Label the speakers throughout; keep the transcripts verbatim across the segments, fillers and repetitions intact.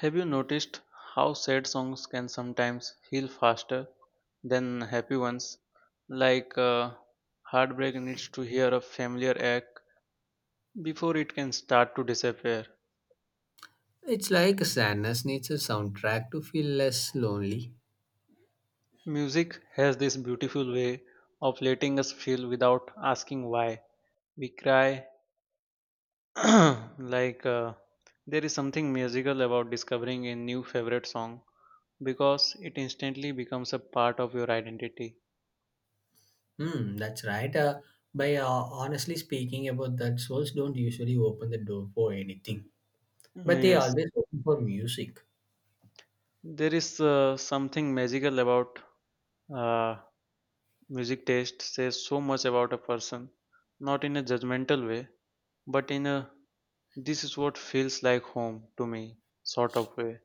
Speaker 1: Have you noticed how sad songs can sometimes heal faster than happy ones? Like uh, heartbreak needs to hear a familiar act before it can start to disappear.
Speaker 2: It's like sadness needs a soundtrack to feel less lonely.
Speaker 1: Music has this beautiful way of letting us feel without asking why. We cry like uh, there is something magical about discovering a new favorite song because it instantly becomes a part of your identity.
Speaker 2: Hmm, that's right. Uh, by uh, honestly speaking about that, souls don't usually open the door for anything, but they
Speaker 1: Yes.
Speaker 2: always open for music.
Speaker 1: There is uh, something magical about uh, music taste says so much about a person, not in a judgmental way, but in a this is what feels like home to me sort of way.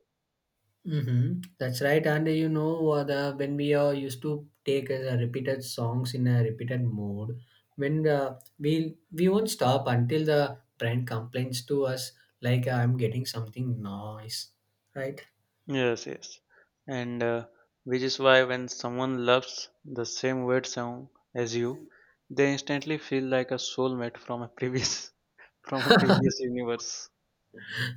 Speaker 2: Mm-hmm. That's right. And uh, you know, uh, the when we uh, used to take uh, repeated songs in a repeated mode, when uh, we we won't stop until the brand complains to us, like I'm getting something nice, right?
Speaker 1: Yes, yes. And uh, which is why when someone loves the same weird song as you, they instantly feel like a soulmate from a previous from a previous universe.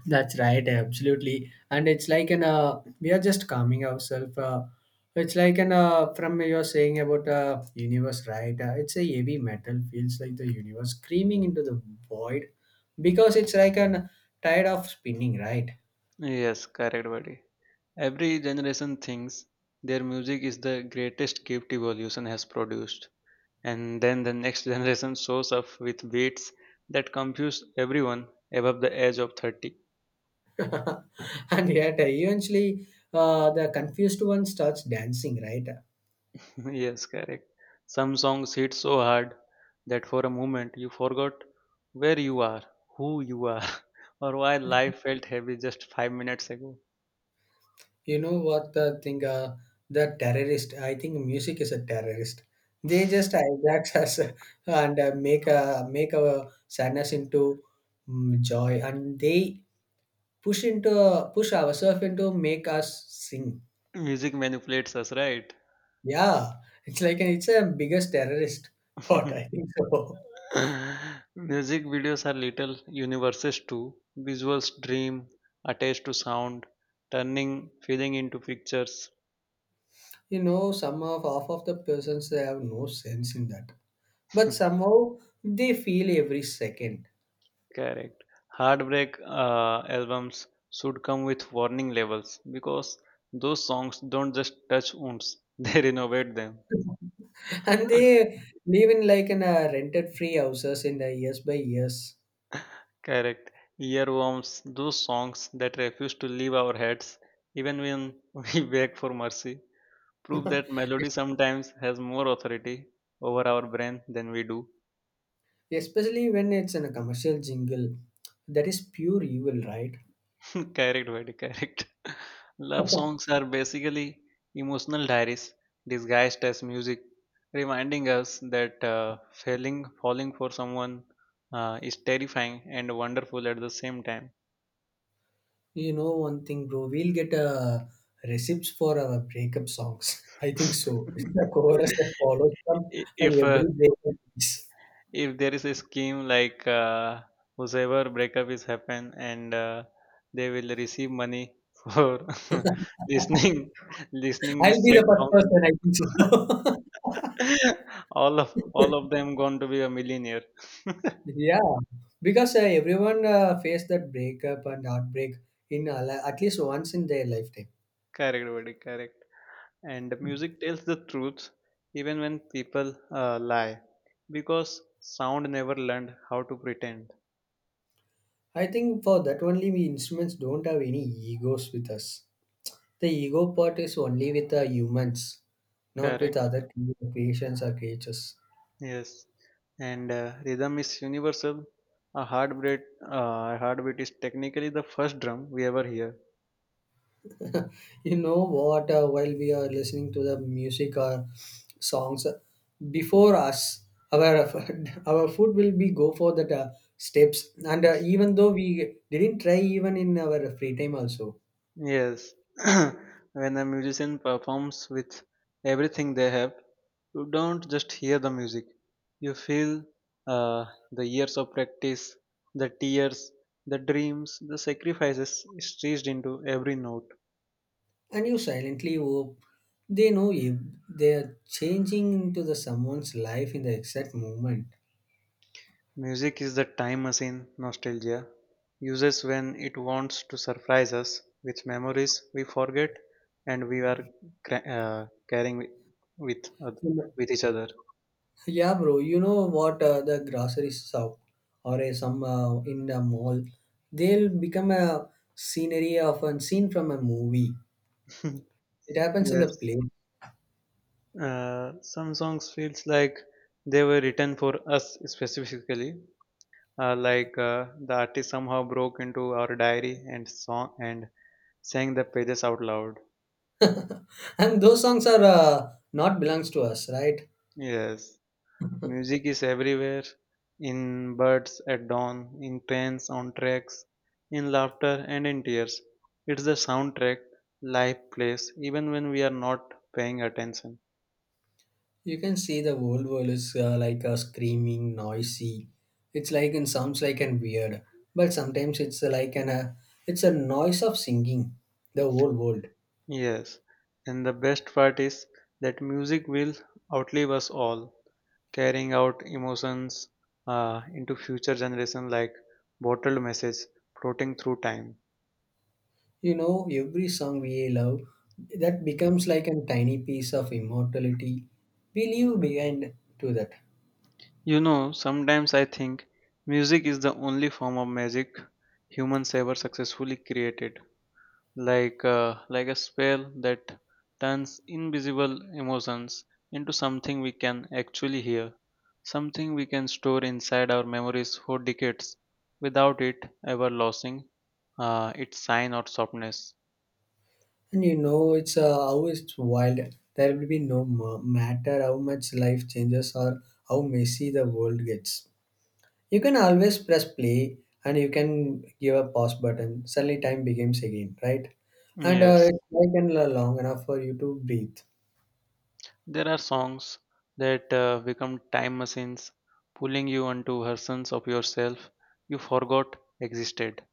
Speaker 2: That's right, absolutely. And it's like an uh, we are just calming ourselves. Uh, it's like an uh, from you're saying about uh, universe, right? Uh, it's a heavy metal feels like the universe screaming into the void because it's like an tired of spinning, right?
Speaker 1: Yes, correct, buddy. Every generation thinks their music is the greatest gift evolution has produced, and then the next generation shows up with beats that confuse everyone above the age of thirty.
Speaker 2: and yet, uh, eventually, uh, the confused one starts dancing, right?
Speaker 1: yes, correct. Some songs hit so hard that for a moment you forgot where you are, who you are, or why life felt heavy just five minutes ago.
Speaker 2: You know what, the thing uh, the terrorist, I think music is a terrorist. They just hijack us, and uh, make a make our sadness into mm, joy, and they push into push ourselves into make us sing.
Speaker 1: Music manipulates us, right?
Speaker 2: Yeah, it's like a, it's a biggest terrorist what I think so.
Speaker 1: Music videos are little universes too. Visuals dream, attached to sound, turning feeling into pictures.
Speaker 2: You know, some of half of the persons, they have no sense in that, but somehow they feel every second.
Speaker 1: Correct. Heartbreak uh, albums should come with warning labels because those songs don't just touch wounds, they renovate them.
Speaker 2: And they live in like in a rented free houses in the years by years.
Speaker 1: Correct. Earworms, those songs that refuse to leave our heads even when we beg for mercy, prove that melody sometimes has more authority over our brain than we do.
Speaker 2: Especially when it's in a commercial jingle, that is pure evil, right?
Speaker 1: Correct, buddy, correct. Love songs are basically emotional diaries disguised as music, reminding us that uh, failing, falling for someone uh, is terrifying and wonderful at the same time.
Speaker 2: You know, one thing, bro, we'll get uh, receipts for our breakup songs. I think so. The chorus that follows from
Speaker 1: I-
Speaker 2: uh,
Speaker 1: if uh,
Speaker 2: every breakup is.
Speaker 1: if there is a scheme like uh, whosoever breakup is happen and uh, they will receive money for listening listening
Speaker 2: I'll
Speaker 1: this
Speaker 2: be
Speaker 1: sad
Speaker 2: the first
Speaker 1: song
Speaker 2: person, I think so.
Speaker 1: all of all of them going to be a millionaire
Speaker 2: Yeah, because uh, everyone uh, faced that breakup and heartbreak, in a li- at least once in their lifetime.
Speaker 1: correct, buddy, correct. And the music tells the truth even when people uh, lie because sound never learned how to pretend.
Speaker 2: I think for that only we instruments don't have any egos with us. The ego part is only with the humans, not with
Speaker 1: Correct.
Speaker 2: other creations or creatures.
Speaker 1: Yes. And uh, rhythm is universal. A heartbeat uh, a heartbeat is technically the first drum we ever hear.
Speaker 2: You know what? Uh, while we are listening to the music or songs, uh, before us, our our foot will be go for that uh, steps, and uh, even though we didn't try even in our free time also.
Speaker 1: Yes, when a musician performs with everything they have, you don't just hear the music, you feel uh, the years of practice, the tears, the dreams, the sacrifices stitched into every note.
Speaker 2: And you silently hope they know if they are changing into the someone's life in the exact moment.
Speaker 1: Music is the time machine nostalgia uses when it wants to surprise us with memories we forget and we are cra- uh, carrying with, with, oth-
Speaker 2: You know-
Speaker 1: with each other.
Speaker 2: Yeah, bro. You know what? Uh, the grocery shop, or a, some uh, in the mall, they'll become a scenery of a scene from a movie. It happens in the
Speaker 1: Yes.
Speaker 2: play.
Speaker 1: Uh, some songs feels like they were written for us specifically, uh, like uh, the artist somehow broke into our diary and song and sang the pages out loud.
Speaker 2: And those songs are uh, not belongs to us, right?
Speaker 1: Yes, music is everywhere, in birds at dawn, in trains on tracks, in laughter and in tears. It's the soundtrack life plays even when we are not paying attention.
Speaker 2: You can see the whole world is uh, like a screaming, noisy. It's like and sounds like and weird, but sometimes it's uh, like an uh, it's a noise of singing. The whole world,
Speaker 1: Yes, and the best part is that music will outlive us all, carrying out emotions uh, into future generation like bottled message floating through time.
Speaker 2: you know, every song we love that becomes like a tiny piece of immortality we leave behind to that.
Speaker 1: You know, sometimes I think music is the only form of magic humans ever successfully created, like uh, like a spell that turns invisible emotions into something we can actually hear, something we can store inside our memories for decades without it ever losing uh, its shine or softness.
Speaker 2: And you know, it's uh, how it's wild. There will be no ma- matter how much life changes or how messy the world gets. You can always press play and you can give a pause button. Suddenly, time begins again, right? And uh,
Speaker 1: Yes.
Speaker 2: it's like and lo- long enough for you to breathe.
Speaker 1: There are songs that uh, become time machines, pulling you onto versions of yourself you forgot existed,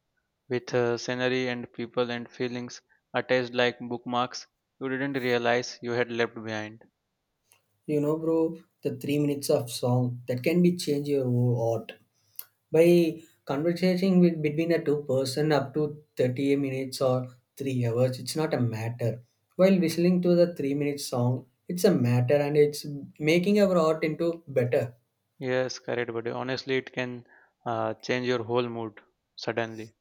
Speaker 1: with uh, scenery and people and feelings attached like bookmarks you didn't realize you had left behind.
Speaker 2: You know, bro, the three minutes of song that can be change your whole art by conversating with between a two person up to thirty minutes or three hours. It's not a matter. While whistling to the three minute song, it's a matter, and it's making our art into better.
Speaker 1: Yes, correct, but honestly, it can uh, change your whole mood suddenly.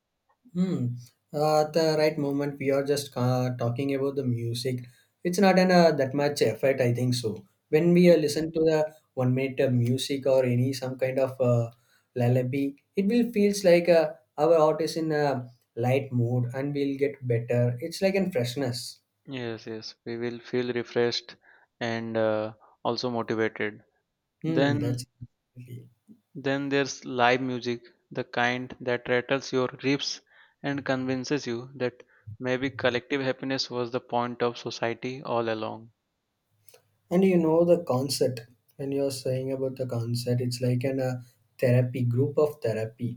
Speaker 2: Hmm. Uh, at the right moment, we are just uh, talking about the music. It's not an uh, that much effort, I think so. When we
Speaker 1: Ye-
Speaker 2: uh, listen to the one minute uh, music or any some kind of uh, lullaby, it will feels like uh, our heart is in a light mood and we'll get better. It's like in freshness.
Speaker 1: Yes, yes, we will feel refreshed and uh, also motivated.
Speaker 2: Hmm.
Speaker 1: Then
Speaker 2: That's
Speaker 1: Then there's live music, the kind that rattles your ribs and convinces you that maybe collective happiness was the point of society all along.
Speaker 2: And you know the concert. When you're saying about the concert, it's like an uh, therapy group of therapy.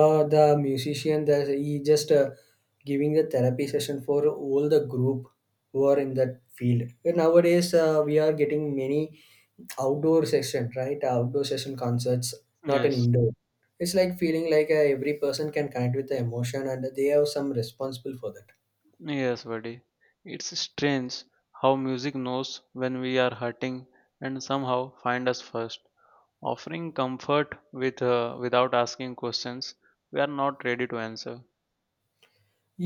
Speaker 2: Uh, the musician that he just uh, giving the therapy session for all the group who are in that field. And nowadays, uh, we are getting many outdoor session, right? Outdoor session concerts, not an
Speaker 1: Yes,
Speaker 2: indoor. It's like feeling like uh, every person can connect with the emotion, and they have some responsible for that.
Speaker 1: yes, buddy. It's strange how music knows when we are hurting and somehow find us first, offering comfort with uh, without asking questions we are not ready to answer.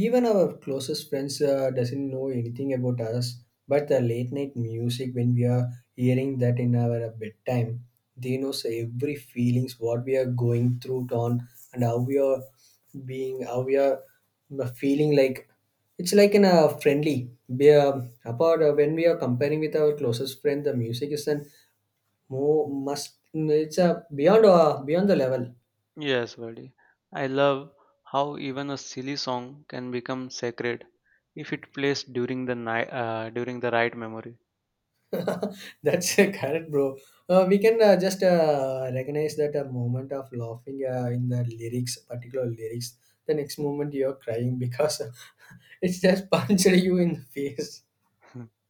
Speaker 2: Even our closest friends uh, doesn't know anything about us, but the late night music when we are hearing that in our uh, bedtime, they knows every feelings what we are going through it on, and how we are being, how we are uh, feeling like, it's like in a friendly we are apart uh, when we are comparing with our closest friend, the music is an more must, it's a beyond uh, beyond the level.
Speaker 1: Yes, buddy. I love how even a silly song can become sacred if it plays during the night uh, during the right memory.
Speaker 2: That's uh, correct, bro. Uh, we can uh, just uh, recognize that a moment of laughing uh, in the lyrics, particular lyrics. The next moment you're crying because uh, it's just punched you in the face.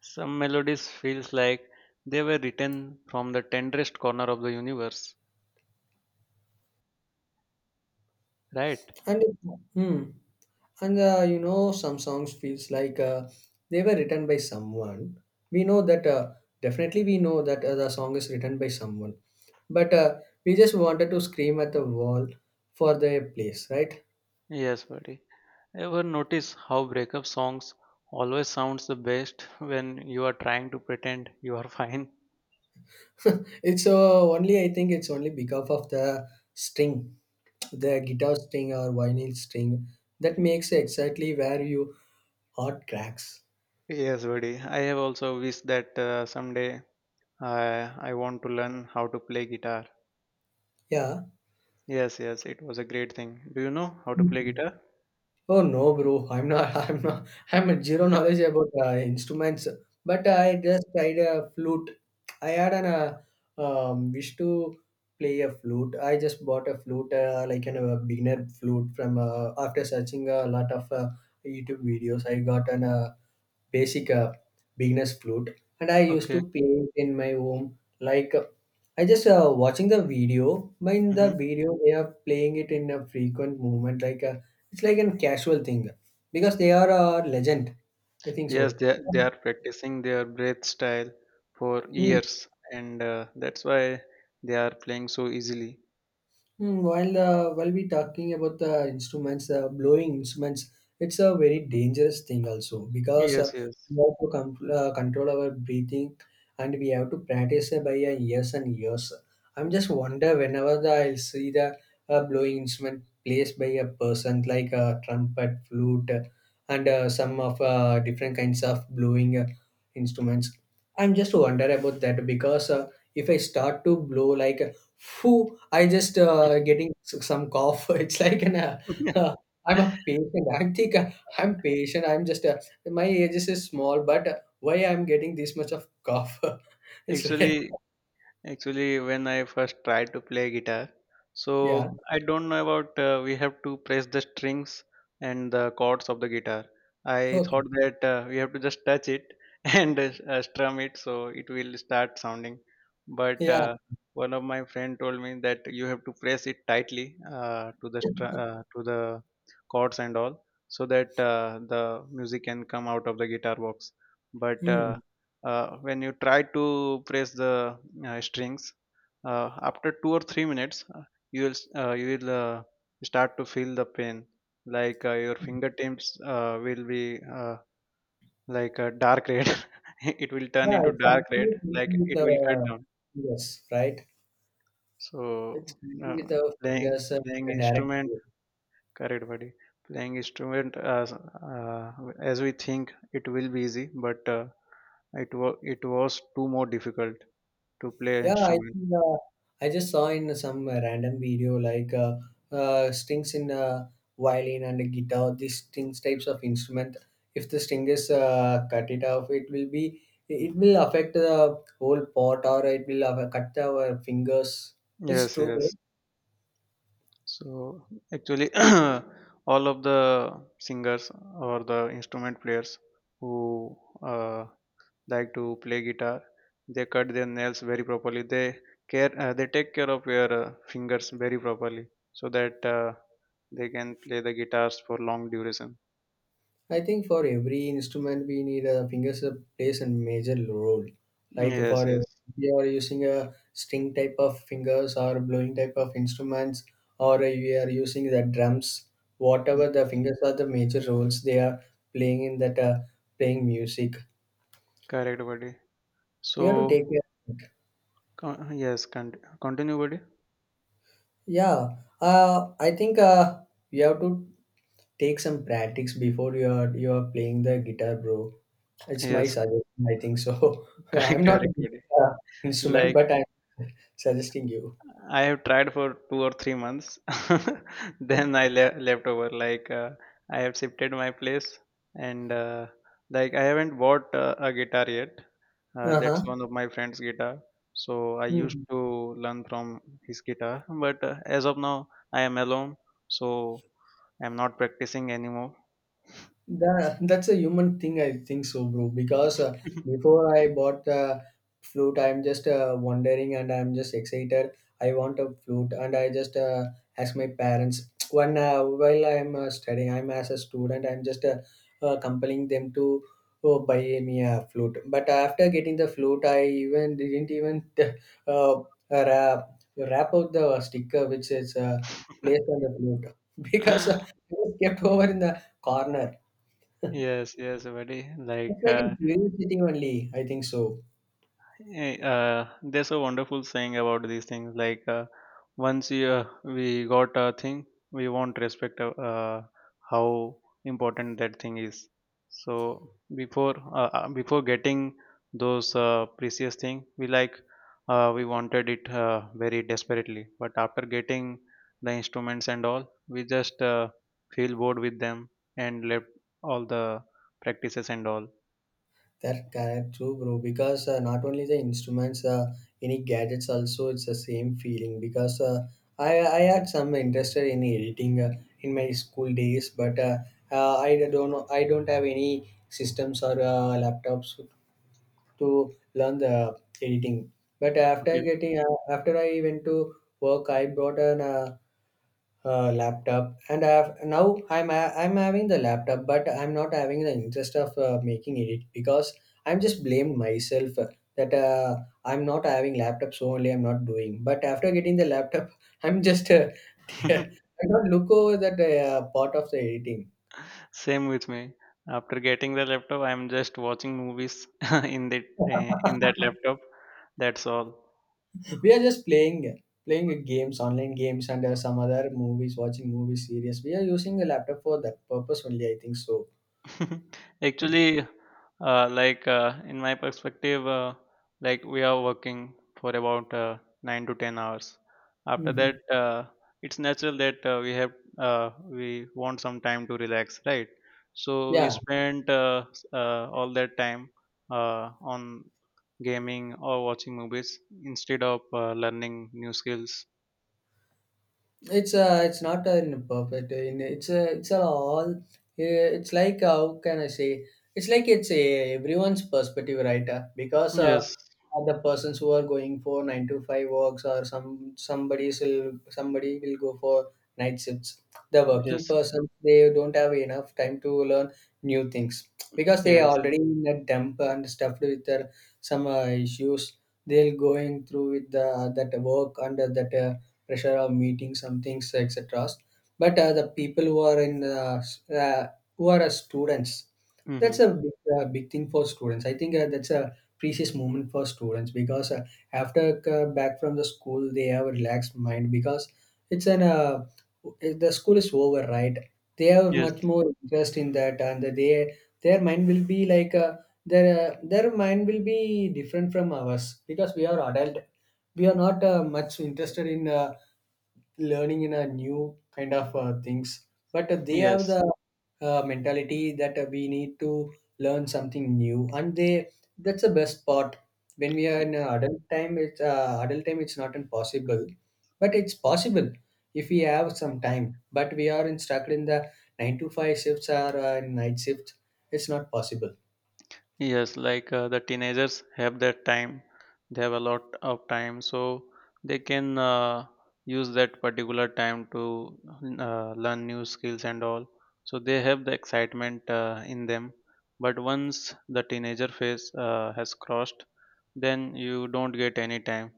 Speaker 1: Some melodies feels like they were written from the tenderest corner of the universe, right?
Speaker 2: And hmm, and uh, you know some songs feels like uh, they were written by someone. We know that uh, definitely we know that uh, the song is written by someone, but uh, we just wanted to scream at the wall for the place, right?
Speaker 1: Yes, buddy. Ever notice how breakup songs always sounds the best when you are trying to pretend you are fine?
Speaker 2: It's uh, only I think it's only because of the string, the guitar string or vinyl string, that makes exactly where you heart cracks.
Speaker 1: Yes, buddy. I have also wished that uh, someday uh, I want to learn how to play guitar.
Speaker 2: Yeah.
Speaker 1: Yes, yes, it was a great thing. Do you know how to play
Speaker 2: Mhm.
Speaker 1: guitar?
Speaker 2: Oh no, bro! I'm not. I'm not. I'm at zero knowledge about uh, instruments. But I just tried a flute. I had an uh, um, wish to play a flute. I just bought a flute, uh, like an uh, beginner flute, from uh, after searching a lot of uh, YouTube videos. I got an uh, basic uh, beginner's flute, and I used to
Speaker 1: Okay.
Speaker 2: play in my home. Like uh, I just uh, watching the video. But in the
Speaker 1: Hmm.
Speaker 2: video, they are playing it in a frequent movement, like. Uh, it's like a casual thing because they are a legend. I think so.
Speaker 1: Yes, they are- they are practicing their breath style for
Speaker 2: Hmm.
Speaker 1: years, and uh, that's why they are playing so easily.
Speaker 2: Hmm, While uh, while we talking about the instruments, uh, blowing instruments, it's a very dangerous thing also, because uh,
Speaker 1: Yes, yes.
Speaker 2: we have to con- uh, control our breathing and we have to practice it by uh, years and years. I'm just wonder whenever the, I see the uh, blowing instrument placed by a person like a trumpet, flute, uh, and uh, some of uh, different kinds of blowing uh, instruments. I'm just wonder about that because uh, if I start to blow like phew, I just uh, getting s- some cough. It's like an uh, uh, I'm a patient. I think uh, I'm patient. I'm just uh, my age is just small, but uh, why I'm getting this much of cough? It's like,
Speaker 1: Actually, Actually, when I first tried to play guitar,
Speaker 2: yeah,
Speaker 1: so I don't know about uh, we have to press the strings and the chords of the guitar. I
Speaker 2: okay,
Speaker 1: thought that uh, we have to just touch it and uh, strum it so it will start sounding. But
Speaker 2: yeah.
Speaker 1: uh, one of my friend told me that you have to press it tightly uh, to the str- uh, to the chords and all so that uh, the music can come out of the guitar box. But uh,
Speaker 2: Hmm.
Speaker 1: uh, when you try to press the uh, strings uh, after two or three minutes uh, you will s- uh, you will uh, start to feel the pain like uh, your fingertips uh, will be uh, like a dark red it will turn
Speaker 2: Yeah.
Speaker 1: into
Speaker 2: It's
Speaker 1: dark red
Speaker 2: actually
Speaker 1: like
Speaker 2: with
Speaker 1: it will cut
Speaker 2: the,
Speaker 1: down.
Speaker 2: yes, right.
Speaker 1: So,
Speaker 2: It's connecting
Speaker 1: uh,
Speaker 2: with our
Speaker 1: playing
Speaker 2: fingers uh,
Speaker 1: playing
Speaker 2: direct.
Speaker 1: instrument, correct, buddy, playing instrument as uh, as we think it will be easy, but uh, it was it was too more difficult to play
Speaker 2: Yeah, I
Speaker 1: instrument.
Speaker 2: think, uh, I just saw in some uh, random video, like uh, uh, strings in uh, violin and a guitar. These strings types of instrument. If the string is uh, cut it off, it will be it will affect the whole pot, or it will have, cut our fingers. It's
Speaker 1: Yes,
Speaker 2: true.
Speaker 1: yes. So actually, all of the singers or the instrument players who uh, like to play guitar, they cut their nails very properly. They care, uh, they take care of your uh, fingers very properly so that uh, they can play the guitars for long duration.
Speaker 2: I think for every instrument we need a fingers that plays a major role. Like
Speaker 1: Yes,
Speaker 2: for if
Speaker 1: yes.
Speaker 2: you are using a string type of fingers or blowing type of instruments, or you are using the drums.
Speaker 1: Mm.
Speaker 2: Whatever the fingers are the major roles they are playing in that uh, playing music.
Speaker 1: Correct, buddy.
Speaker 2: We have to
Speaker 1: So,
Speaker 2: take care of it.
Speaker 1: con- yes, con- continue, buddy.
Speaker 2: Yeah, uh, I think uh, we have to take some practice before you are you are playing the guitar, bro. It's my
Speaker 1: Yes,
Speaker 2: suggestion. I think so. I'm not a
Speaker 1: correct, buddy.
Speaker 2: uh, instrument,
Speaker 1: Like.
Speaker 2: but I'm suggesting you.
Speaker 1: I have tried for two or three months. Then I le- left over. Like uh, I have shifted my place, and uh, like I haven't bought uh, a guitar yet. Uh, that's
Speaker 2: Uh
Speaker 1: one of my friend's guitar. So I
Speaker 2: huh.
Speaker 1: used to learn from his guitar, but uh, as of now, I am alone, so I'm not practicing anymore.
Speaker 2: That, that's a human thing, I think so, bro. Because uh, before I bought the flute, I'm just uh, wondering and I'm just excited. I want a flute, and I just uh, ask my parents. When uh, while I'm uh, studying, I'm as a student, I'm just uh, uh, compelling them to uh buy me a flute. But after getting the flute, I even didn't even uh, wrap, wrap up the sticker which is uh, placed on the flute, because uh, it was kept over in the corner.
Speaker 1: Yes, yes, buddy. Like
Speaker 2: It's like
Speaker 1: uh,
Speaker 2: in curiosity only, I think so.
Speaker 1: Eh, uh, there's a wonderful saying about these things like uh, once you, uh, we got a thing we won't respect uh, uh, how important that thing is. So before uh, uh, before getting those uh, precious thing we like, uh, we wanted it uh, very desperately but after getting the instruments and all we just uh, feel bored with them and left all the practices and all.
Speaker 2: That correct, true, bro. Because uh, not only the instruments, uh, any gadgets also, it's the same feeling. Because uh, I I had some interest in editing uh, in my school days, but uh, uh, I don't know, I don't have any systems or uh, laptops to learn the editing. But after
Speaker 1: Okay.
Speaker 2: getting uh, after I went to work, I bought an uh, uh, laptop and I have, now I'm i I'm having the laptop, but I'm not having the interest of uh, making it, because I'm just blamed myself uh, that uh, I'm not having laptop so only I'm not doing. But after getting the laptop I'm just uh, I don't look over that uh, part of the editing.
Speaker 1: Same with me. After getting the laptop, I'm just watching movies in the uh, in that laptop. That's all.
Speaker 2: We are just playing playing games, online games, and uh, some other movies, watching movies, series. We are using the laptop for that purpose only, I think so.
Speaker 1: Actually, uh, like uh, in my perspective, uh, like we are working for about uh, nine to ten hours. After that,
Speaker 2: Mhm.
Speaker 1: uh, it's natural that uh, we have uh, we want some time to relax, right? So we
Speaker 2: Yeah.
Speaker 1: spent uh, s- uh, all that time uh, on gaming or watching movies instead of uh, learning new skills.
Speaker 2: It's uh, it's not an perfect. uh, In it's a, it's a all. uh, It's like uh, how can I say? It's like it's a everyone's perspective, right? Uh, Because uh,
Speaker 1: Yes,
Speaker 2: other persons who are going for nine to five works, or some somebody will somebody will go for night shifts. The working
Speaker 1: yes,
Speaker 2: person, they don't have enough time to learn new things, because they are
Speaker 1: yes,
Speaker 2: already in a dump and stuffed with their some uh, issues. They'll going through with the that work under that uh, pressure of meeting some things, etc. But uh, the people who are in uh, uh, who are uh, students, that's
Speaker 1: hmm,
Speaker 2: a big, uh, big thing for students, I think. Uh, that's a precious moment for students, because uh, after uh, back from the school, they have a relaxed mind, because it's an uh, the school is over, right? They have
Speaker 1: yes,
Speaker 2: much more interest in that, and they, their mind will be like uh, their uh, their mind will be different from ours, because we are adult. We are not uh, much interested in uh, learning in a new kind of uh, things. But uh, they have
Speaker 1: yes.
Speaker 2: the uh, mentality that uh, we need to learn something new, and they, that's the best part. When we are in uh, adult time it's uh, adult time, it's not impossible, but it's possible, if we have some time. But we are in stuck in the nine to five shifts or uh, night shifts, it's not possible
Speaker 1: Yes, like uh, the teenagers have that time, they have a lot of time, so they can uh, use that particular time to uh, learn new skills and all. So they have the excitement uh, in them. But once the teenager phase uh, has crossed, then you don't get any time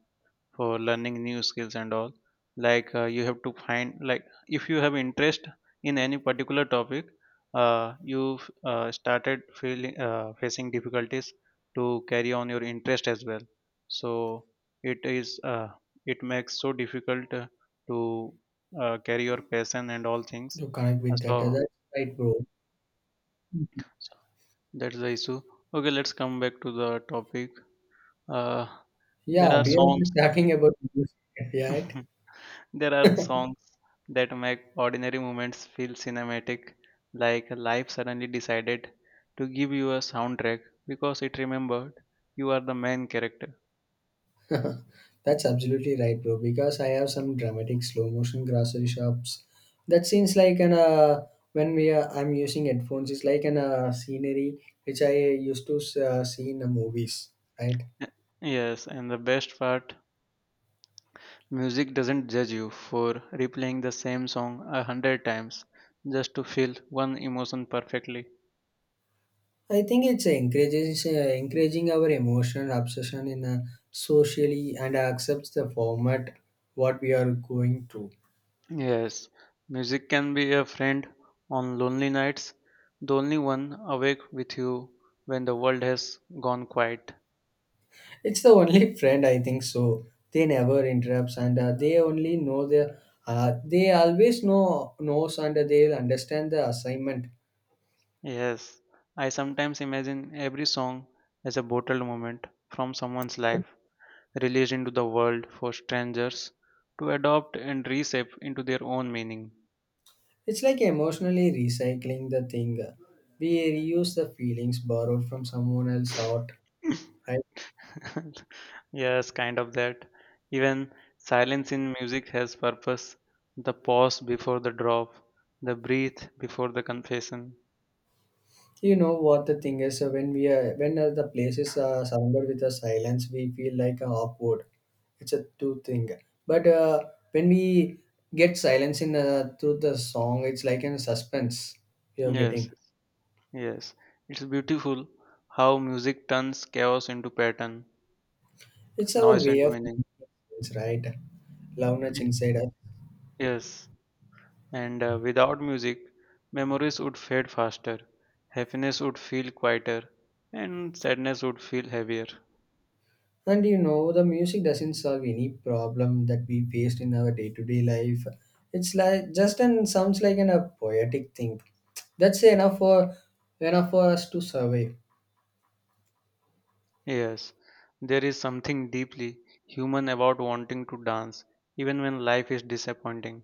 Speaker 1: for learning new skills and all, like uh, you have to find, like if you have interest in any particular topic uh, you've uh, started feeling uh, facing difficulties to carry on your interest as well. So it is, uh, it makes so difficult uh, to uh, carry your passion and all things.
Speaker 2: to connect with that. Uh,
Speaker 1: Uh,
Speaker 2: that's right, bro.
Speaker 1: so that's the issue. Okay, let's come back to the topic. uh, there
Speaker 2: Yeah,
Speaker 1: are
Speaker 2: we are
Speaker 1: songs.
Speaker 2: just talking about music, right?
Speaker 1: There are songs that make ordinary moments feel cinematic, like life suddenly decided to give you a soundtrack because it remembered you are the main character.
Speaker 2: That's absolutely right, bro. Because I have some dramatic slow motion grocery shops. That seems like an uh, when we uh, I'm using headphones, it's like an uh, scenery which I used to uh, see in the movies, right?
Speaker 1: Y- Yes, and the best part, music doesn't judge you for replaying the same song a hundred times just to feel one emotion perfectly.
Speaker 2: I think it's encourages uh, encouraging our emotional obsession in a socially and accepts the format what we are going through.
Speaker 1: Yes, music can be a friend on lonely nights, the only one awake with you when the world has gone quiet.
Speaker 2: It's the only friend, I think so. They never interrupts, and uh, they only know the Uh, they always know knows and they'll understand the assignment.
Speaker 1: Yes, I sometimes imagine every song as a bottled moment from someone's life, released into the world for strangers to adopt and reshape into their own meaning.
Speaker 2: It's like emotionally recycling the thing. We reuse the feelings borrowed from someone else out, right?
Speaker 1: Yes, kind of that. Even silence in music has purpose, the pause before the drop, the breath before the confession.
Speaker 2: You know what the thing is, uh, when we are when uh, the place is uh, surrounded with a silence, we feel like uh, awkward. It's a two thing, but uh, when we get silence in uh, through the song, it's like in suspense you're
Speaker 1: Yes,
Speaker 2: getting.
Speaker 1: yes. It's beautiful how music turns chaos into pattern,
Speaker 2: It's our
Speaker 1: noise
Speaker 2: way
Speaker 1: into
Speaker 2: of,
Speaker 1: meaning.
Speaker 2: it's right, loudness
Speaker 1: Y-
Speaker 2: inside us.
Speaker 1: Yes. And uh, without music, memories would fade faster, happiness would feel quieter, and sadness would feel heavier.
Speaker 2: And you know, the music doesn't solve any problem that we faced in our day to day life. It's like just and sounds like an, a poetic thing. That's enough for enough for us to survive.
Speaker 1: Yes, there is something deeply human about wanting to dance, even when life is disappointing.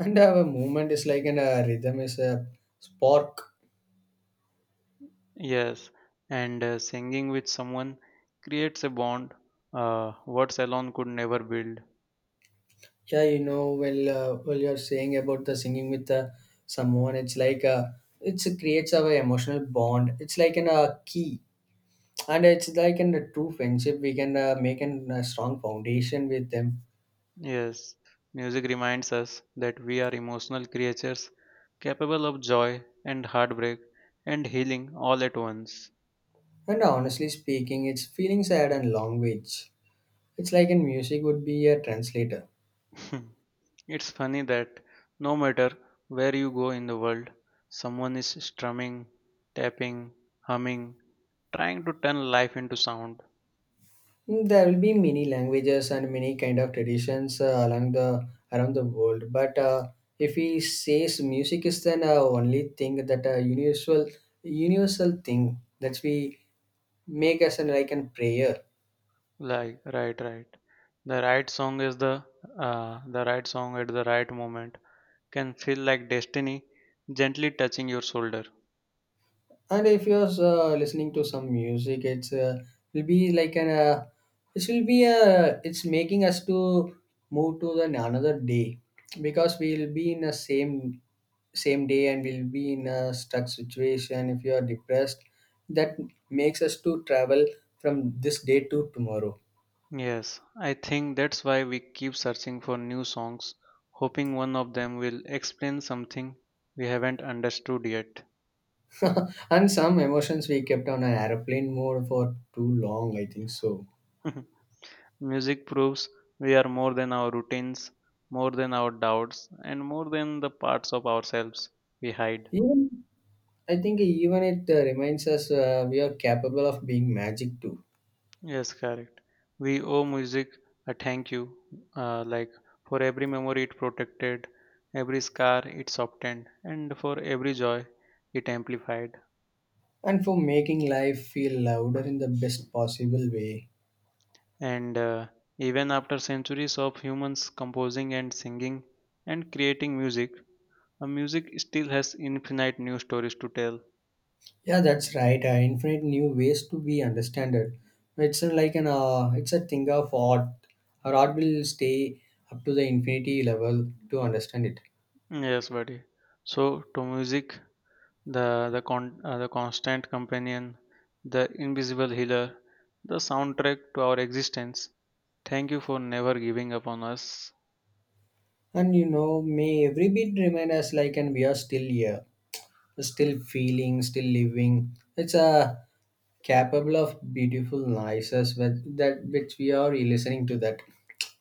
Speaker 2: And our movement is like, and a rhythm is a spark.
Speaker 1: Yes, and uh, singing with someone creates a bond uh, words alone could never build.
Speaker 2: Yeah, you know, well uh, well, you're saying about the singing with uh, someone, it's like uh, it's creates our emotional bond, it's like an a key, and it's like in a true friendship we can uh, make an, a strong foundation with them.
Speaker 1: Yes, music reminds us that we are emotional creatures capable of joy and heartbreak and healing all at once.
Speaker 2: And honestly speaking, it's feelings add a language, it's like in music would be a translator.
Speaker 1: It's funny that no matter where you go in the world, someone is strumming, tapping, humming, trying to turn life into sound.
Speaker 2: Mm, there will be many languages and many kind of traditions uh, along the around the world. But uh, if we says music is then uh, only thing that uh, universal universal thing that we make as an like an prayer.
Speaker 1: Like, right, right. The right song is the uh, the right song at the right moment can feel like destiny gently touching your shoulder.
Speaker 2: And if you're uh, listening to some music, it's uh, will be like an uh, it will be a, it's making us to move to the another day, because we'll be in the same same day, and we'll be in a stuck situation if you are depressed. That makes us to travel from this day to tomorrow.
Speaker 1: Yes, I think that's why we keep searching for new songs, hoping one of them will explain something we haven't understood yet.
Speaker 2: And some emotions we kept on an airplane mode for too long, I think so.
Speaker 1: Music proves we are more than our routines, more than our doubts, and more than the parts of ourselves we hide.
Speaker 2: Even, I think even it uh, reminds us uh, we are capable of being magic too,
Speaker 1: Yes, correct. We owe music a thank you, uh, like for every memory it protected, every scar it softened, and for every joy it amplified.
Speaker 2: and for making life feel louder in the best possible way.
Speaker 1: And uh, even after centuries of humans composing and singing and creating music, a music still has infinite new stories to tell.
Speaker 2: Yeah, that's right. Uh, infinite new ways to be understood. It's uh, like an uh, it's a thing of art. Our art will stay up to the infinity level to understand it.
Speaker 1: Yes, buddy. So to music, the the con- uh, the constant companion, the invisible healer, the soundtrack to our existence. Thank you for never giving up on us.
Speaker 2: And you know, may every beat remind us like, and we are still here, still feeling, still living. It's a capable of beautiful noises with that which we are listening to that.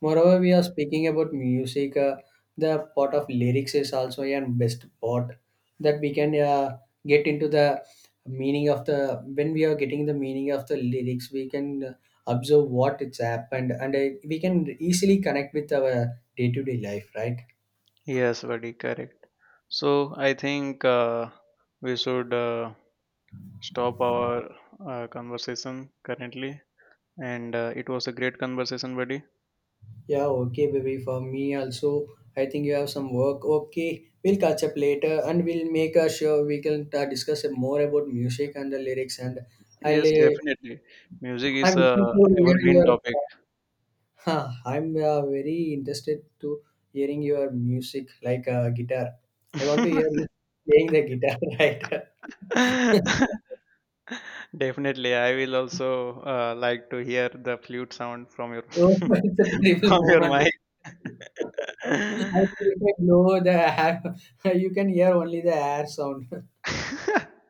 Speaker 2: Moreover, we are speaking about music. Uh, the part of lyrics is also a best part, that we can uh, get into the meaning of the when we are getting the meaning of the lyrics. We can uh, observe what it's happened, and I, we can easily connect with our day-to-day life, right?
Speaker 1: Yes, buddy, correct. So I think uh, we should uh, stop our uh, conversation currently, and uh, it was a great conversation, buddy.
Speaker 2: Yeah, okay, baby, for me also. I think you have some work. Okay, we'll catch up later, and we'll make a sure, we can uh, discuss more about music and the lyrics, and i'll
Speaker 1: Yes,
Speaker 2: uh,
Speaker 1: definitely. Music is
Speaker 2: I'm listening
Speaker 1: a
Speaker 2: to hear
Speaker 1: evergreen
Speaker 2: your
Speaker 1: topic.
Speaker 2: huh, I'm uh, very interested to hearing your music, like uh, guitar. I want to hear you playing the guitar, right?
Speaker 1: Definitely, I will also uh, like to hear the flute sound from your
Speaker 2: Oh, it's a
Speaker 1: from
Speaker 2: terrible
Speaker 1: your
Speaker 2: moment.
Speaker 1: mic.
Speaker 2: I think if I blow the air, you can hear only the air sound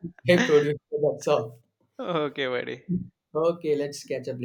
Speaker 2: I produce. That's all.
Speaker 1: Okay, buddy.
Speaker 2: Okay, let's catch up.